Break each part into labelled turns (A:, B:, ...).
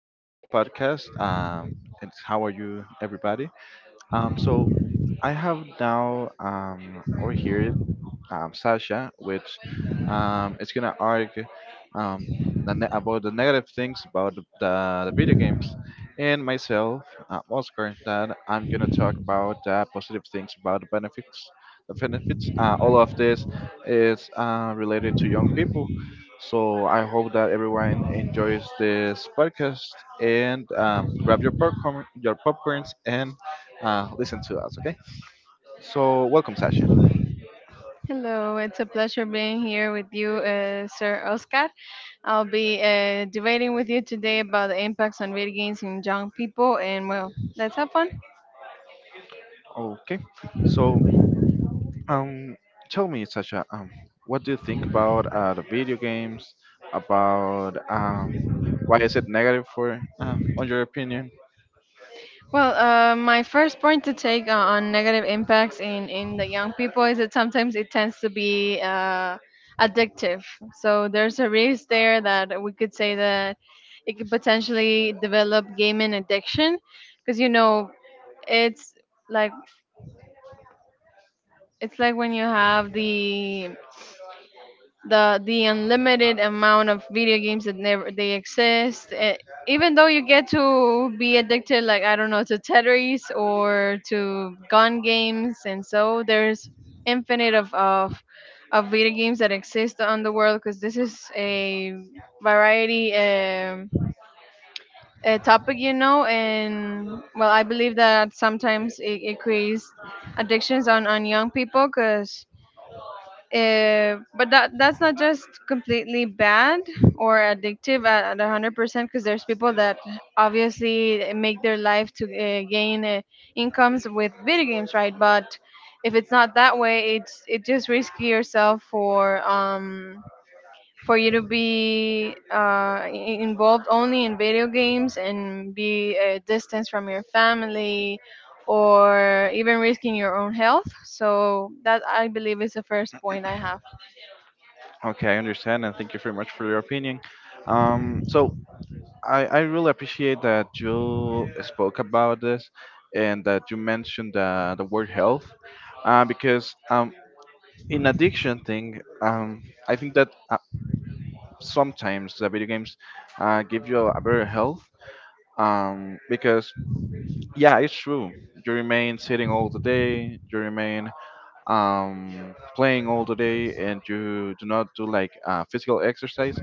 A: this podcast. It's How are you, everybody? So I have now over here Sasha, which is gonna argue um, about the negative things about the video games, and myself, Oscar, that I'm gonna talk about positive things about the benefits. The benefits. All of this is related to young people. So I hope that everyone enjoys this podcast and grab your popcorn, your popcorns, and listen to us. Okay. So welcome, Sasha.
B: Hello, it's a pleasure being here with you, Sir Oscar. I'll be debating with you today about the impacts on video games in young people, and well, let's have fun.
A: Okay. So Um, Tell me, Sasha, what do you think about the video games? About why is it negative for, on your opinion?
B: Well, my first point to take on negative impacts in the young people is that sometimes it tends to be addictive. So there's a risk there that we could say that it could potentially develop gaming addiction, because you know it's like it's like when you have the unlimited amount of video games that never they exist even though you get to be addicted, like I don't know, to Tetris or to gun games. And so there's infinite of video games that exist on the world because this is a variety, a topic, you know. And well, I believe that sometimes it creates addictions on young people because but that's not just completely bad or addictive at 100% because there's people that obviously make their life to gain incomes with video games, right? But if it's not that way, it's, it just risky yourself for you to be involved only in video games and be distanced from your family or even risking your own health. So that I believe is the first point I have.
A: Okay, I understand, and thank you very much for your opinion. So I really appreciate that you spoke about this and that you mentioned the word health, because in addiction thing, I think that sometimes the video games give you a better health because yeah, it's true, you remain sitting all the day, you remain playing all the day, and you do not do like physical exercise,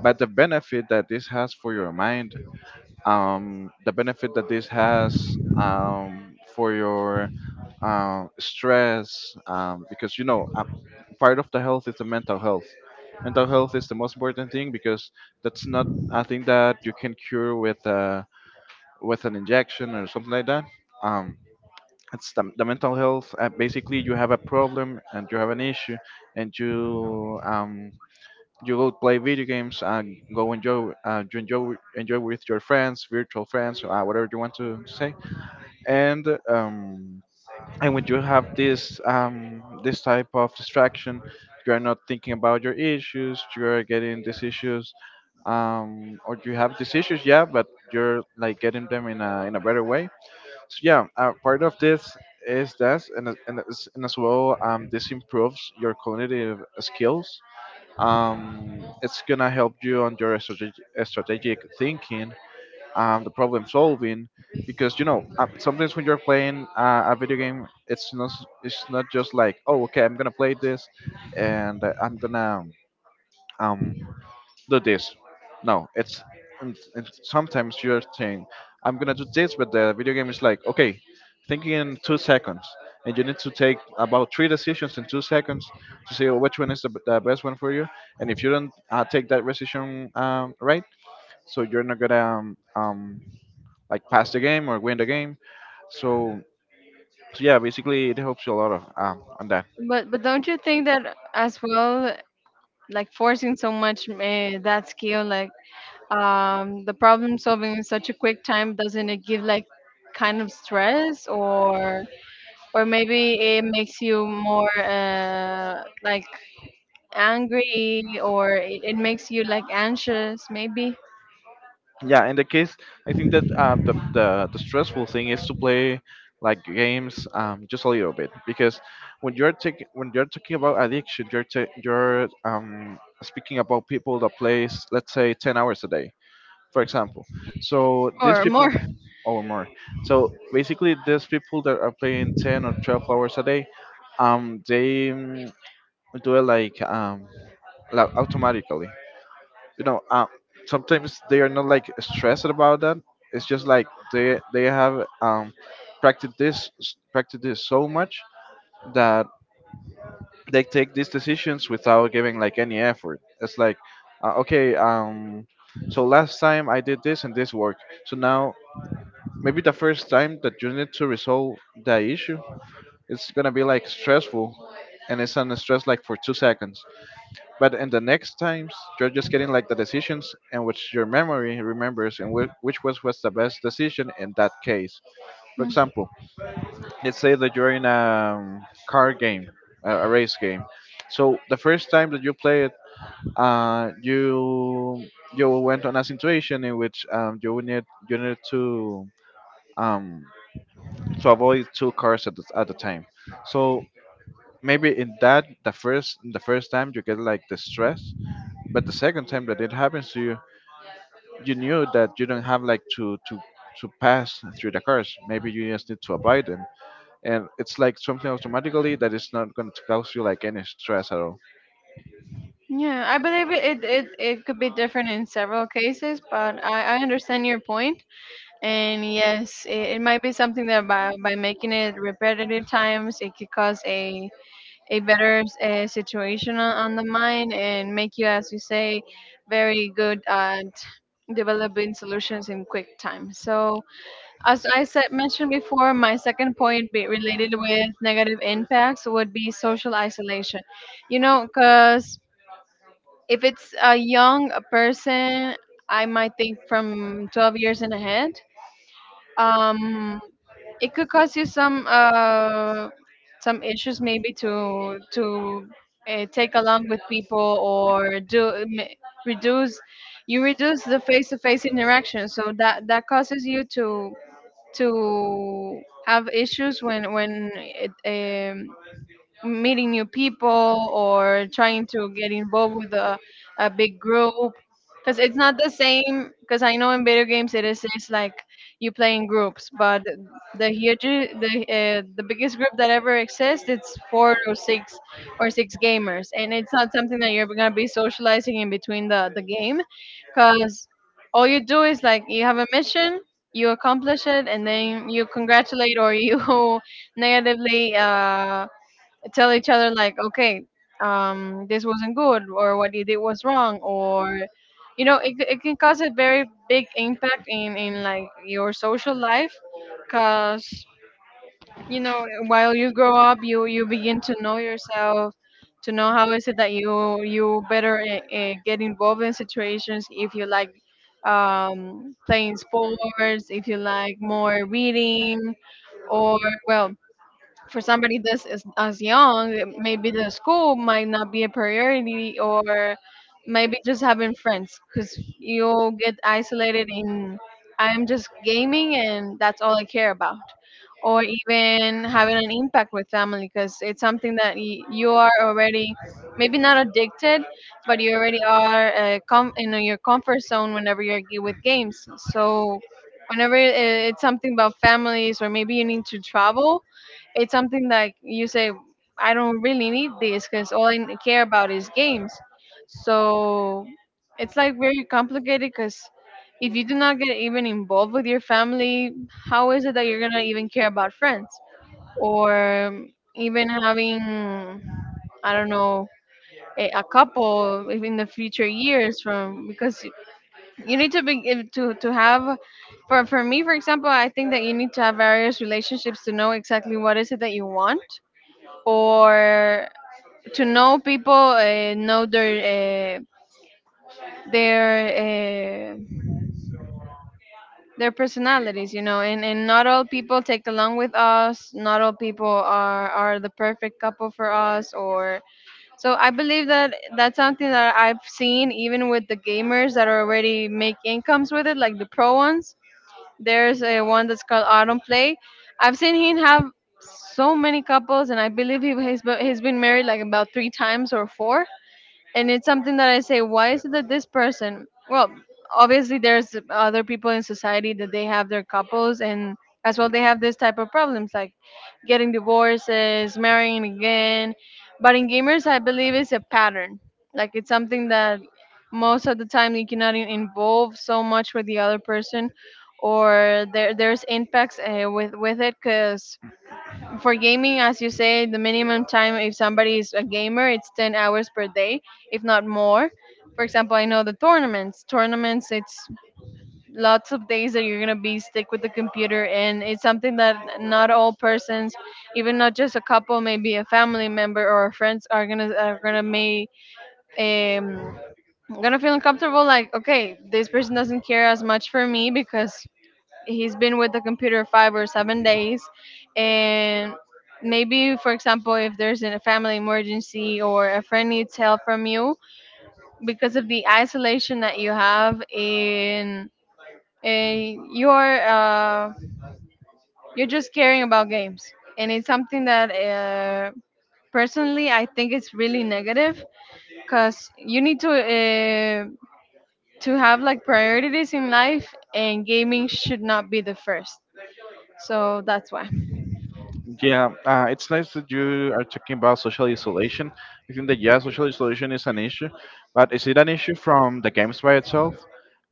A: but the benefit that this has for your mind, the benefit that this has for your stress, because you know part of the health is the mental health. Mental health is the most important thing because that's not a thing that you can cure with an injection or something like that. um, it's the mental health. Basically, you have a problem and you have an issue, and you you go play video games and go enjoy, you enjoy with your friends, virtual friends, whatever you want to say. and um and when you have this type of distraction, you are not thinking about your issues. You are getting these issues, or you have these issues, yeah, but you're like getting them in a better way. So yeah, part of this is that, and as well, this improves your cognitive skills. It's gonna help you on your strategic thinking, the problem solving, because you know sometimes when you're playing a video game, it's not just like, oh okay, I'm gonna play this, and I'm gonna um do this. No, it's and sometimes you're saying, I'm gonna do this, but the video game is like, okay, thinking in 2 seconds, and you need to take about three decisions in 2 seconds to see which one is the best one for you. And if you don't take that decision right, so you're not gonna like pass the game or win the game. So, so yeah, basically it helps you a lot of on that.
B: But don't you think that as well, like forcing so much, that skill, like the problem solving in such a quick time, doesn't it give like kind of stress, or maybe it makes you more, like angry, or it makes you like anxious maybe?
A: Yeah, in the case, I think that the stressful thing is to play like games just a little bit, because when you're talking about addiction, you're speaking about people that plays, let's say, 10 hours a day, for example. So these
B: Or
A: people
B: more.
A: or more. So basically, these people that are playing 10 or 12 hours a day, um, they mm, do it like automatically, you know. Sometimes they are not like stressed about that. It's just like they have practiced this, practiced this so much that they take these decisions without giving like any effort. It's like okay, so last time I did this and this worked, so now maybe the first time that you need to resolve the issue, it's gonna be like stressful, and it's on stress like for 2 seconds. But in the next times, you're just getting like the decisions in which your memory remembers and which was the best decision in that case. For
B: Mm.
A: example, let's say that you're in a car game, a race game. So the first time that you play it, uh, you you went on a situation in which you need um, to avoid two cars at at the time. So maybe in that the first, the first time you get like the stress, but the second time that it happens to you, you knew that you don't have to pass through the course. Maybe you just need to apply them, and it's like something automatically that is not going to cause you like any stress at all.
B: Yeah, I believe it could be different in several cases, but I understand your point. And yes, it might be something that by making it repetitive times, it could cause a better situation on the mind and make you, as you say, very good at developing solutions in quick time. So, as I said, mentioned before, my second point be related with negative impacts would be social isolation. You know, because if it's a young person, I might think from 12 years and ahead. Um, it could cause you some issues maybe to take along with people, or do reduce, you reduce the face-to-face interaction, so that that causes you to have issues when it, meeting new people or trying to get involved with a big group, because it's not the same. Because I know in video games it is, it's like you play in groups, but the huge, the biggest group that ever exists, it's four or six gamers. And it's not something that you're going to be socializing in between the game, because all you do is like you have a mission, you accomplish it, and then you congratulate or you negatively, tell each other like, okay, this wasn't good, or what you did was wrong. Or you know, it can cause a very big impact in like your social life, because you know, while you grow up you you begin to know yourself, to know how is it that you better get involved in situations, if you like playing sports, if you like more reading, or well, for somebody that's as young, maybe the school might not be a priority, or maybe just having friends, because you'll get isolated in I'm just gaming and that's all I care about. Or even having an impact with family because it's something that you are already maybe not addicted, but you already are in your comfort zone whenever you're with games. So, whenever it's something about families, or maybe you need to travel, it's something like you say, I don't really need this because all I care about is games. So it's like very complicated because if you do not get even involved with your family, how is it that you're gonna even care about friends, or even having, I don't know, a couple if in the future years from, because you need to be, to have, for me for example, I think that you need to have various relationships to know exactly what is it that you want, or to know people, know their uh, their personalities, you know. And not all people take along with us. Not all people are the perfect couple for us. Or so I believe that that's something that I've seen even with the gamers that already make incomes with it, like the pro ones. There's a one that's called Autumn Play. I've seen him have so many couples, and I believe he's been married like about three times or four, and it's something that I say, why is it that this person? Well, obviously there's other people in society that they have their couples, and as well they have this type of problems like getting divorces, marrying again. But in gamers, I believe it's a pattern. Like it's something that most of the time you cannot involve so much with the other person, or there there's impacts, with it, because for gaming, as you say, the minimum time if somebody is a gamer, it's 10 hours per day, if not more. For example, I know the tournaments. Tournaments, it's lots of days that you're gonna be stick with the computer, and it's something that not all persons, even not just a couple, maybe a family member or friends, are gonna, are gonna may um gonna feel uncomfortable. Like, okay, this person doesn't care as much for me because he's been with the computer 5 or 7 days. And maybe for example, if there's a family emergency or a friend needs help from you because of the isolation that you have in, eh, you're uh, you're just caring about games, and it's something that personally I think it's really negative, because you need to have like priorities in life, and gaming should not be the first. So that's why.
A: Yeah, it's nice that you are talking about social isolation. I think that, yeah, social isolation is an issue, but is it an issue from the games by itself?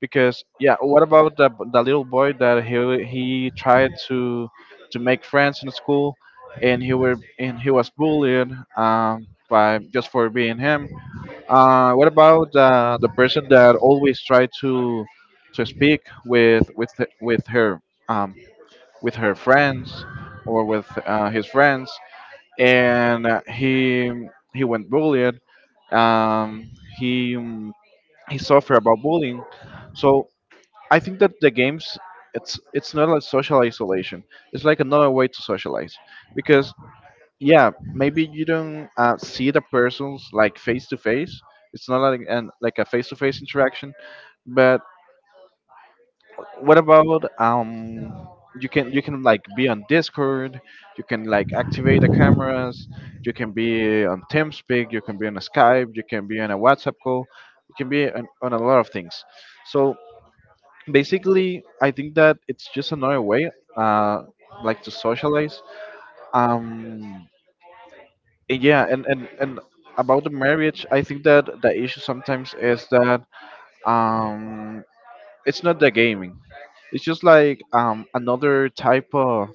A: Because yeah, what about the little boy that he tried to make friends in school, and he were and he was bullied by just for being him? What about the person that always try to speak with her, um, with her friends or with his friends, and he went bullied. Um, he um, he suffered about bullying. So I think that the games, it's not like social isolation. It's like another way to socialize, because yeah, maybe you don't see the persons like face to face. It's not like an like a face to face interaction, but what about you can like be on Discord, you can like activate the cameras, you can be on TeamSpeak, you can be on a Skype, you can be on a WhatsApp call, you can be on a lot of things. So basically, I think that it's just another way uh like to socialize. um yeah, and about the marriage, I think that the issue sometimes is that um it's not the gaming, it's just like another type of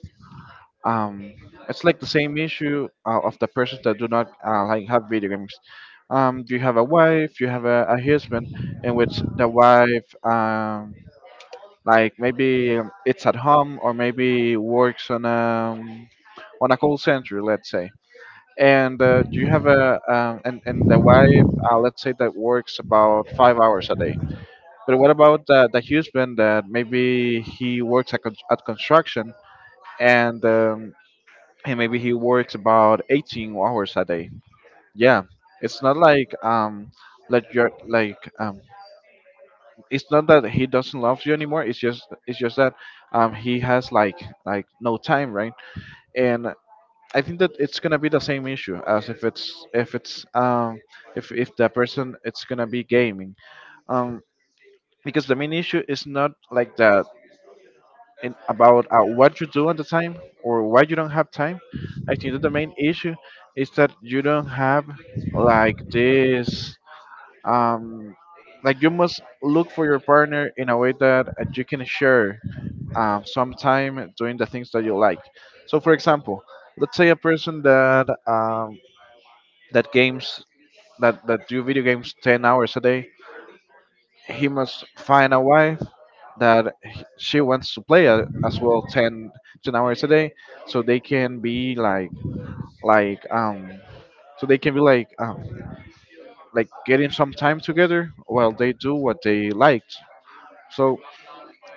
A: um it's like the same issue of the persons that do not like have video games. You have a wife, you have a husband, in which the wife like maybe it's at home or maybe works on a call center, let's say, and you have a and the wife? Let's say that works about 5 hours a day. But what about the husband that maybe he works at, at construction, and um, and maybe he works about 18 hours a day? Yeah, it's not like you're like it's not that he doesn't love you anymore. It's just, it's just that he has like no time, right? And I think that it's gonna be the same issue as if it's if the person it's gonna be gaming, um because the main issue is not like that in about what you do at the time or why you don't have time. I think that the main issue is that you don't have like this um like you must look for your partner in a way that you can share some time doing the things that you like. So for example, let's say a person that um that games, that do video games 10 hours a day, he must find a wife that she wants to play a, as well, 10 10 hours a day, so they can be like like um so they can be like getting some time together while they do what they liked. So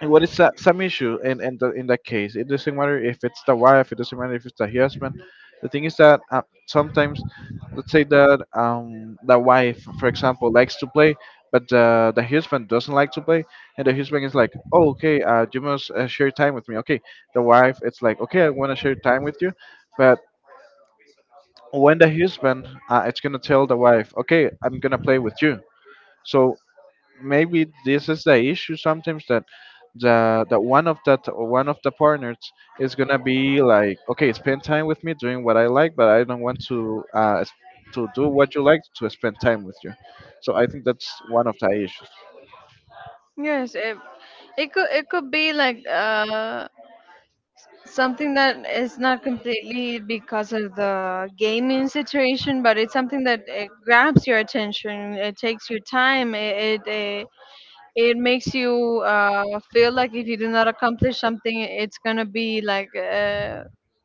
A: And what is some issue in in that case? It doesn't matter if it's the wife. It doesn't matter if it's the husband. The thing is that sometimes, let's say that the wife, for example, likes to play, but the husband doesn't like to play, and the husband is like, oh okay, you must share time with me. Okay, the wife, it's like, okay, I want to share time with you, but when the husband, it's gonna tell the wife, okay, I'm gonna play with you. So maybe this is the issue sometimes that the that one of the partners is gonna be like, okay, spend time with me doing what I like, but I don't want to to do what you like, to spend time with you. So I think that's one of the issues.
B: Yes, it could, it could be like, something that is not completely because of the gaming situation, but it's something that it grabs your attention. It takes your time. It makes you feel like if you do not accomplish something, it's gonna be like,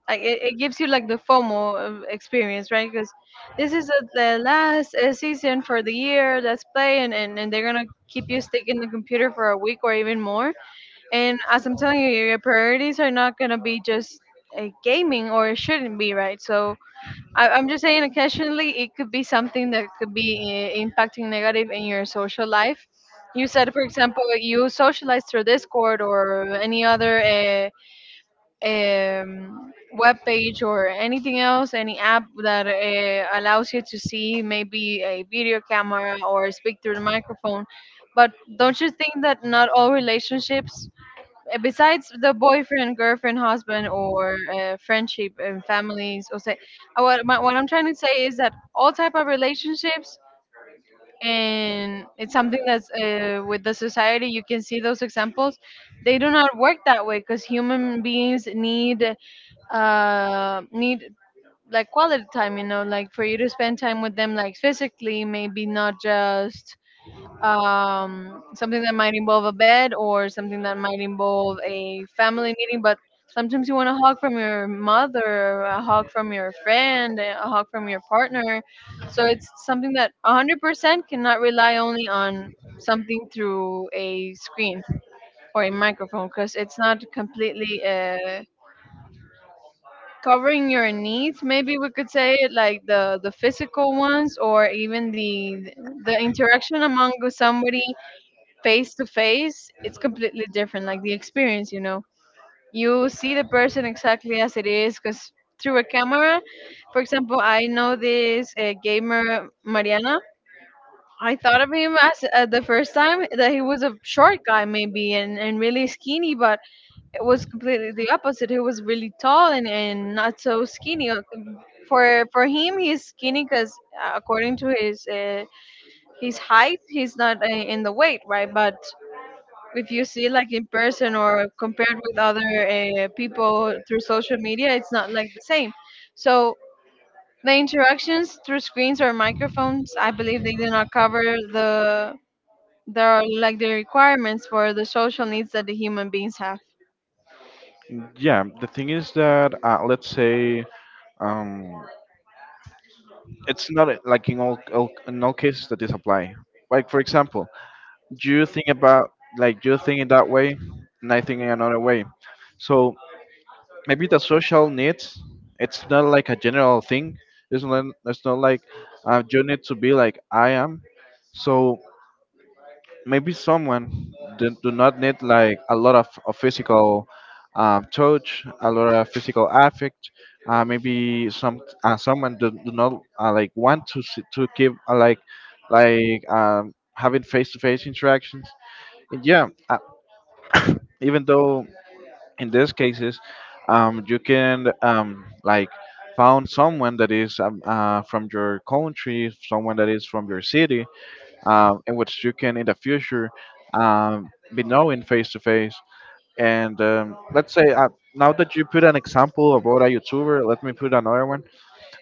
B: like it gives you like the FOMO of experience, right? Because this is the last season for the year. Let's play, and they're gonna keep you stuck in the computer for a week or even more. And as I'm telling you, your priorities are not gonna be just gaming, or it shouldn't be, right? So I'm just saying, occasionally it could be something that could be impacting negative in your social life. You said, for example, you socialize through Discord or any other web page or anything else, any app that allows you to see maybe a video camera or speak through the microphone. But don't you think that not all relationships, besides the boyfriend, girlfriend, husband, or friendship and families, or say, what, my, what I'm trying to say is that all type of relationships, and it's something that's, with the society. You can see those examples. They do not work that way because human beings need uh, need like quality time. You know, like for you to spend time with them, like physically, maybe not just something that might involve a bed or something that might involve a family meeting. But sometimes you want a hug from your mother, a hug from your friend, a hug from your partner. So it's something that 100% cannot rely only on something through a screen or a microphone, because it's not completely covering your needs. Maybe we could say it like the physical ones, or even the interaction among somebody face to face, it's completely different. Like the experience, you know, you see the person exactly as it is, because through a camera, for example, I know this gamer Mariana. I thought of him as the first time that he was a short guy, maybe, and really skinny, but it was completely the opposite. He was really tall and not so skinny. For him, he's skinny because according to his height, he's not in the weight, right? But if you see like in person or compared with other people through social media, it's not like the same. So the interactions through screens or microphones, I believe they do not cover the the requirements for the social needs that the human beings have.
A: Yeah, the thing is that let's say um it's not like in all cases that this apply. Like for example, you think about, like, you think in that way and I think in another way. So maybe the social needs, it's not like a general thing. It's not like, you need to be like I am. So maybe someone do not need like a lot of physical touch, a lot of physical affect. Uh, maybe someone do not like want to see, to keep like, having face-to-face interactions. And yeah, uh, even though in these cases, you can, like, found someone that is from your country, someone that is from your city, in which you can in the future be knowing face to face. And let's say, now that you put an example about a YouTuber, let me put another one.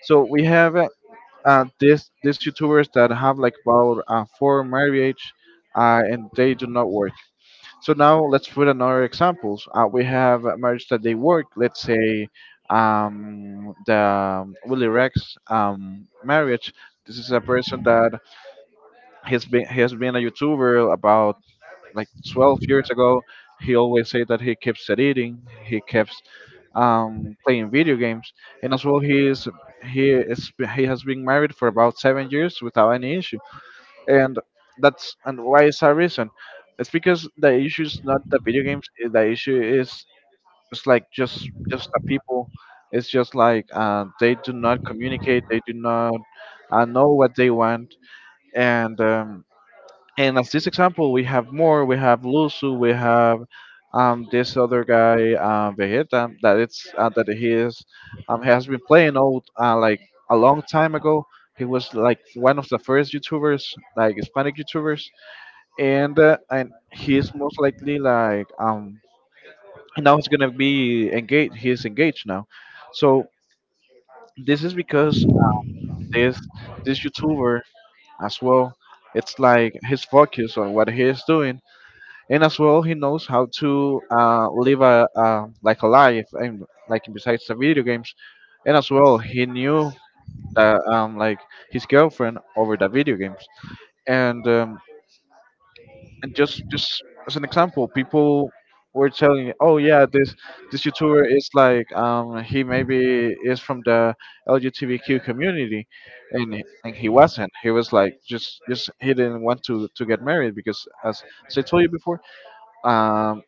A: So we have this these YouTubers that have like about four marriage, and they do not work. So now let's put another examples. We have a marriage that they work. Let's say, the Willie Rex marriage. This is a person that has been a YouTuber about like 12 years ago. He always say that he keeps editing. He keeps playing video games, and as well he has been married for about 7 years without any issue. And that's, and why is that reason? It's because the issue is not the video games, the issue is, it's like just, the people. It's just like, they do not communicate, they do not know what they want. And and as this example we have more. We have lusu, we have, this other guy, vegeta, that it's that he is, has been playing old, like, a long time ago. He was like one of the first youtubers, like hispanic youtubers. And he's most likely like, now he's gonna be engaged. He's engaged now. So this is because this this YouTuber as well, it's like his focus on what he is doing, and as well he knows how to live a, like, a life, and, like, besides the video games. And as well he knew that, like, his girlfriend over the video games. And. Um, and just as an example, people were telling, me, oh yeah, this YouTuber is like, he maybe is from the LGBTQ community. And he wasn't. He was like just he didn't want to get married because, as I told you before, um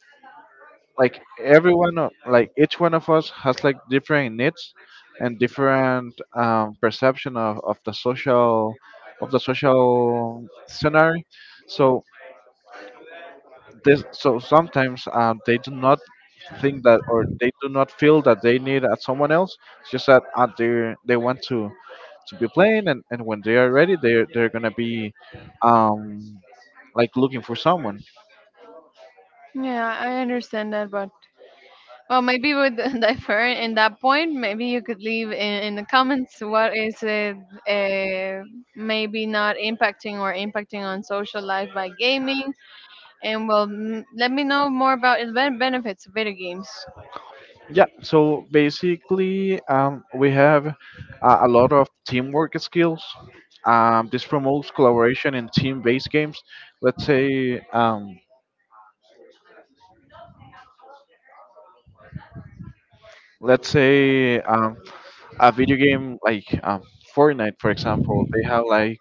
A: like, everyone, like, each one of us has like different needs and different, perception of the social, of the social scenario. So this so sometimes, they do not think that, or they do not feel that they need, someone else. It's just that, they, want to be playing, and when they are ready, they're gonna be, um like, looking for someone.
B: Yeah, I understand that, but well, maybe we would differ in that point. Maybe you could leave in the comments what is it, uh, maybe not impacting or impacting on social life by gaming. And well, let me know more about the benefits of video games.
A: Yeah, so basically, we have, a lot of teamwork skills. This promotes collaboration in team-based games. Let's say, let's say um a video game like, Fortnite, for example. They have like,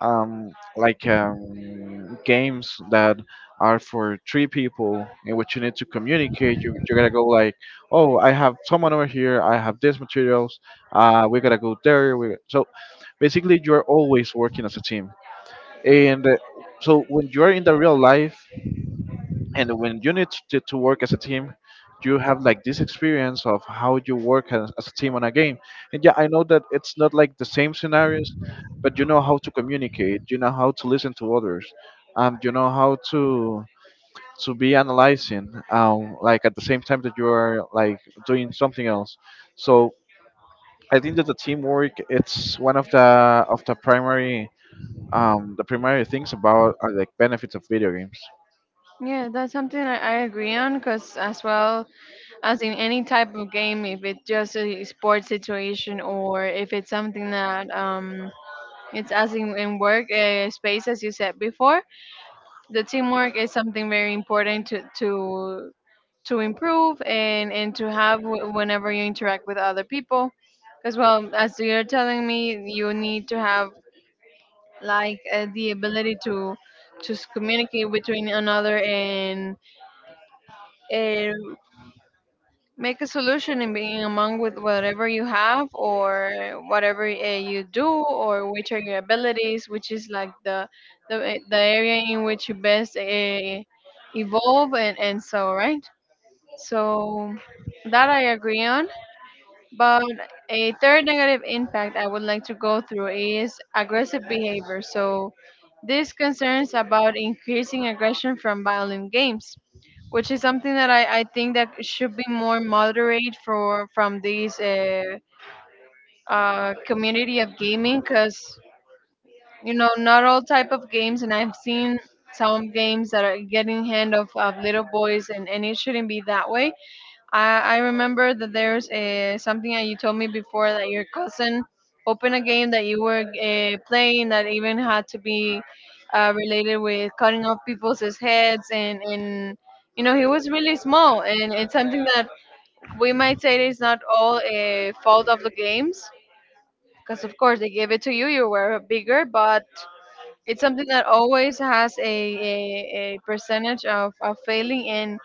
A: games that are for three people in which you need to communicate. You, gotta go like, oh, I have someone over here. I have these materials. We gotta go there. We so basically you are always working as a team. And so when you are in the real life, and when you need to work as a team, you have like this experience of how you work as a team on a game. And yeah, I know that it's not like the same scenarios, but you know how to communicate, you know how to listen to others, you know how to be analyzing, like, at the same time that you are like doing something else. So I think that the teamwork, it's one of the, of the primary, the primary things about, like, benefits of video games.
B: Yeah, that's something I agree on because, as well as in any type of game, if it's just a sports situation or if it's something that it's as in work space, as you said before, the teamwork is something very important to improve and to have whenever you interact with other people. Because well, as you're telling me, you need to have like the ability to communicate between another and uh, make a solution in being among with whatever you have or whatever you do, or which are your abilities, which is like the the area in which you best evolve, and so, right? So that I agree on. But a third negative impact I would like to go through is aggressive behavior. So this concerns about increasing aggression from violent games, which is something that I think that should be more moderate for from this community of gaming, because you know, not all type of games, and I've seen some games that are getting hand of little boys, and it shouldn't be that way. I remember that there's a, something that you told me before, that your cousin opened a game that you were playing that even had to be related with cutting off people's heads, and you know, he was really small, and it's something that we might say it's not all a fault of the games, because of course they gave it to you, you were bigger, but it's something that always has a percentage of failing and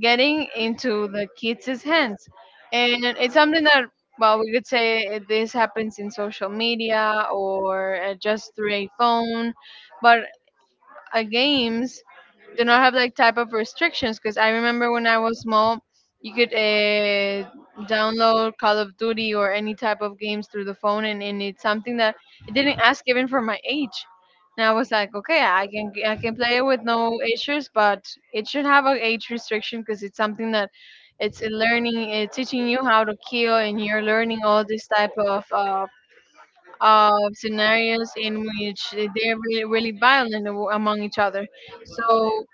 B: getting into the kids' hands. And it's something that, well, we could say this happens in social media or just through a phone, but games do not have like type of restrictions, because I remember when I was small, you could download Call of Duty or any type of games through the phone, and it's something that it didn't ask even for my age, and I was like, okay, I can, I can play it with no issues. But it should have an age restriction, because it's something that it's a learning, it's teaching you how to kill, and you're learning all this type of scenarios in which they're really, really violent among each other. So,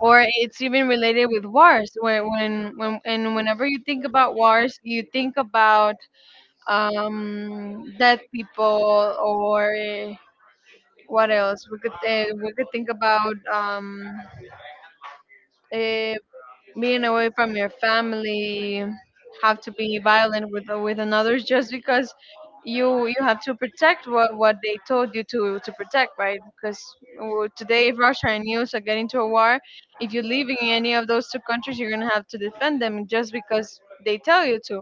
B: or it's even related with wars. When and whenever you think about wars, you think about dead people, or what else? We could think about eh, being away from your family, have to be violent with another just because you have to protect what they told you to protect, right? Because today, if Russia and US are getting into a war, if you're leaving any of those two countries, you're gonna have to defend them just because they tell you to.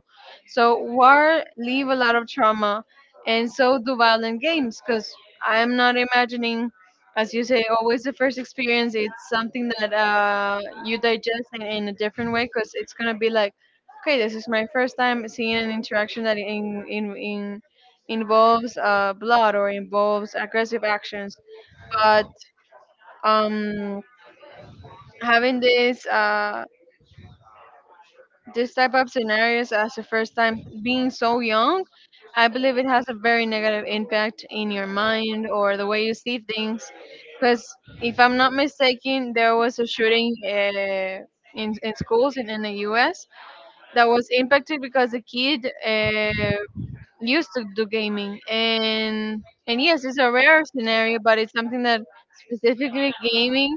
B: So war leave a lot of trauma, and so do violent games. Because I am not imagining, as you say, always the first experience. It's something that you digest in a different way, because it's gonna be like, okay, this is my first time seeing an interaction that in involves blood or involves aggressive actions. But um, having this this type of scenarios as a first time, being so young, I believe it has a very negative impact in your mind or the way you see things. Because if I'm not mistaken, there was a shooting in schools in the US, that was impacted because a kid used to do gaming, and yes, it's a rare scenario, but it's something that specifically gaming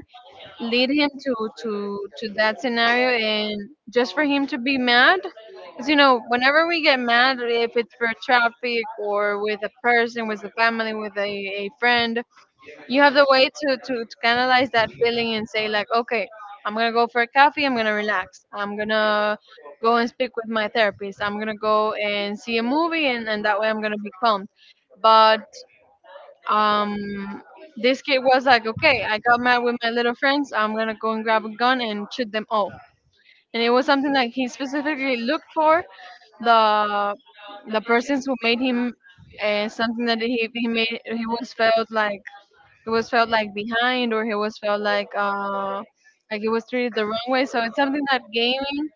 B: lead him to that scenario, and just for him to be mad. Because you know, whenever we get mad, if it's for traffic or with a person, with a family, with a friend, you have the way to, to canalize that feeling and say like, okay, I'm gonna go for a coffee, I'm gonna relax, I'm gonna go and speak with my therapist, I'm gonna go and see a movie, and that way I'm gonna be calm. But um, this kid was like, okay, I got mad with my little friends. I'm gonna go and grab a gun and shoot them all. And it was something that he specifically looked for the the persons who made him something that he was felt like, he was felt like behind, or he was felt like like he was treated the wrong way. So it's something that gaming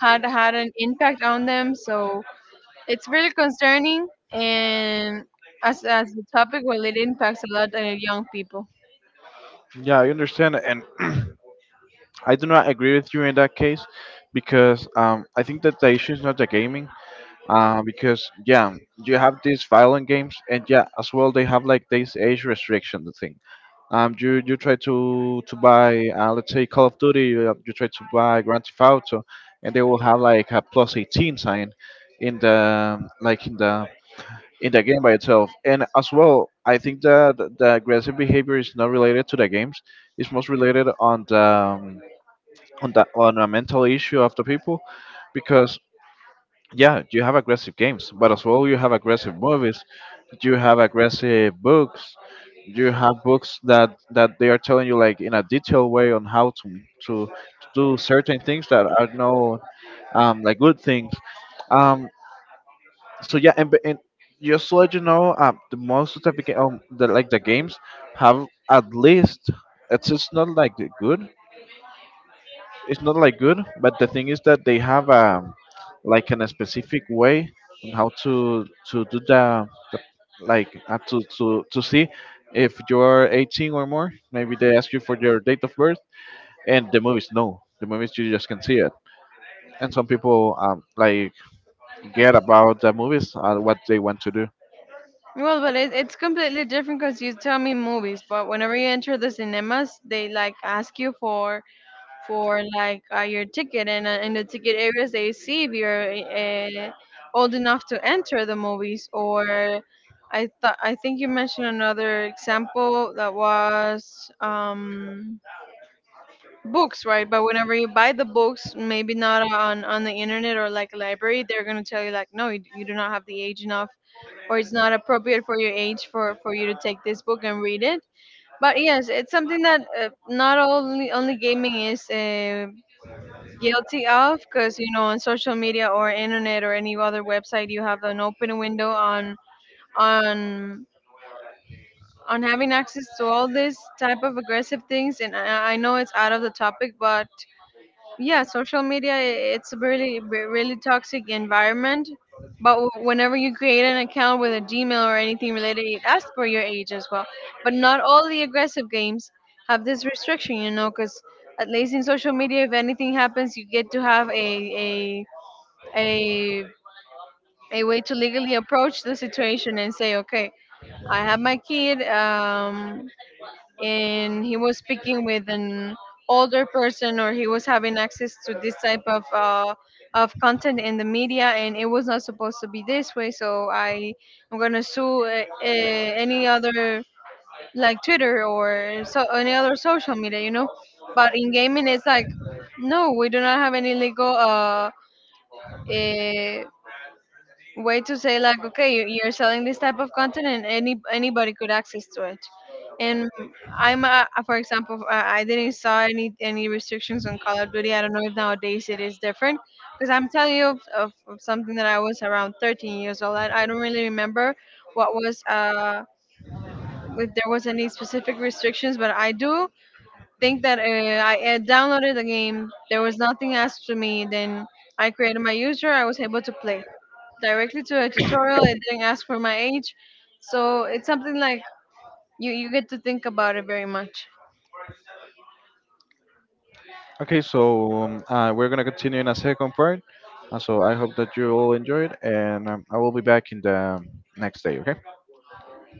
B: had an impact on them. So it's really concerning, and as the topic, well, it impacts a lot of young people.
A: Yeah, I understand, and I do not agree with you in that case, because, I think that the issue is not the gaming. Because yeah, you have these violent games, and yeah, as well they have like this age restriction thing. You, try to buy, let's say Call of Duty, you try to buy Grand Theft Auto, and they will have like a plus 18 sign in the, like in the, in the game by itself. And as well, I think that the aggressive behavior is not related to the games; it's most related on the, on a mental issue of the people, because yeah, you have aggressive games, but as well you have aggressive movies, you have aggressive books. You have books that, they are telling you, like, in a detailed way on how to, to, to do certain things that are no, like, good things. Um so yeah. And just to let you know, the most of the, the like the games have at least, it's not like the good, it's not like good, but the thing is that they have a, like an a specific way on how to do the, like, to see if you're 18 or more. Maybe they ask you for your date of birth, and the movies no, the movies you just can see it. And some people, like, get about the movies, what they want to do.
B: Well, but it, it's completely different, because you tell me movies, but whenever you enter the cinemas, they like ask you for like your ticket, and in the ticket areas they see if you're old enough to enter the movies. Or I thought, I think you mentioned another example that was, books, right? But whenever you buy the books, maybe not on on the internet or like a library, they're gonna tell you like, no, you do not have the age enough, or it's not appropriate for your age for you to take this book and read it. But yes, it's something that not only only gaming is guilty of, because you know, on social media or internet or any other website, you have an open window on on having access to all this type of aggressive things. And I know it's out of the topic, but yeah, social media it's a really really toxic environment. But whenever you create an account with a Gmail or anything related, it asks for your age as well. But not all the aggressive games have this restriction, you know, because at least in social media, if anything happens, you get to have a a a way to legally approach the situation and say, okay, I have my kid, and he was speaking with an older person, or he was having access to this type of content in the media, and it was not supposed to be this way, so I am going to sue any other like Twitter or so, any other social media, you know. But in gaming it's like, no, we do not have any legal uh way to say like, okay, you- you're selling this type of content, and any anybody could access to it. And I'm for example, I didn't saw any restrictions on Call of Duty. I don't know if nowadays it is different, because I'm telling you of something that I was around 13 years old. I don't really remember what was uh, if there was any specific restrictions. But I do think that I downloaded the game. There was nothing asked to me. Then I created my user. I was able to play directly to a tutorial. It didn't ask for my age, so it's something like you get to think about it very much.
A: Okay, so, we're gonna continue in a second part. So I hope that you all enjoyed, and, I will be back in the next day. Okay,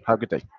A: have a good day.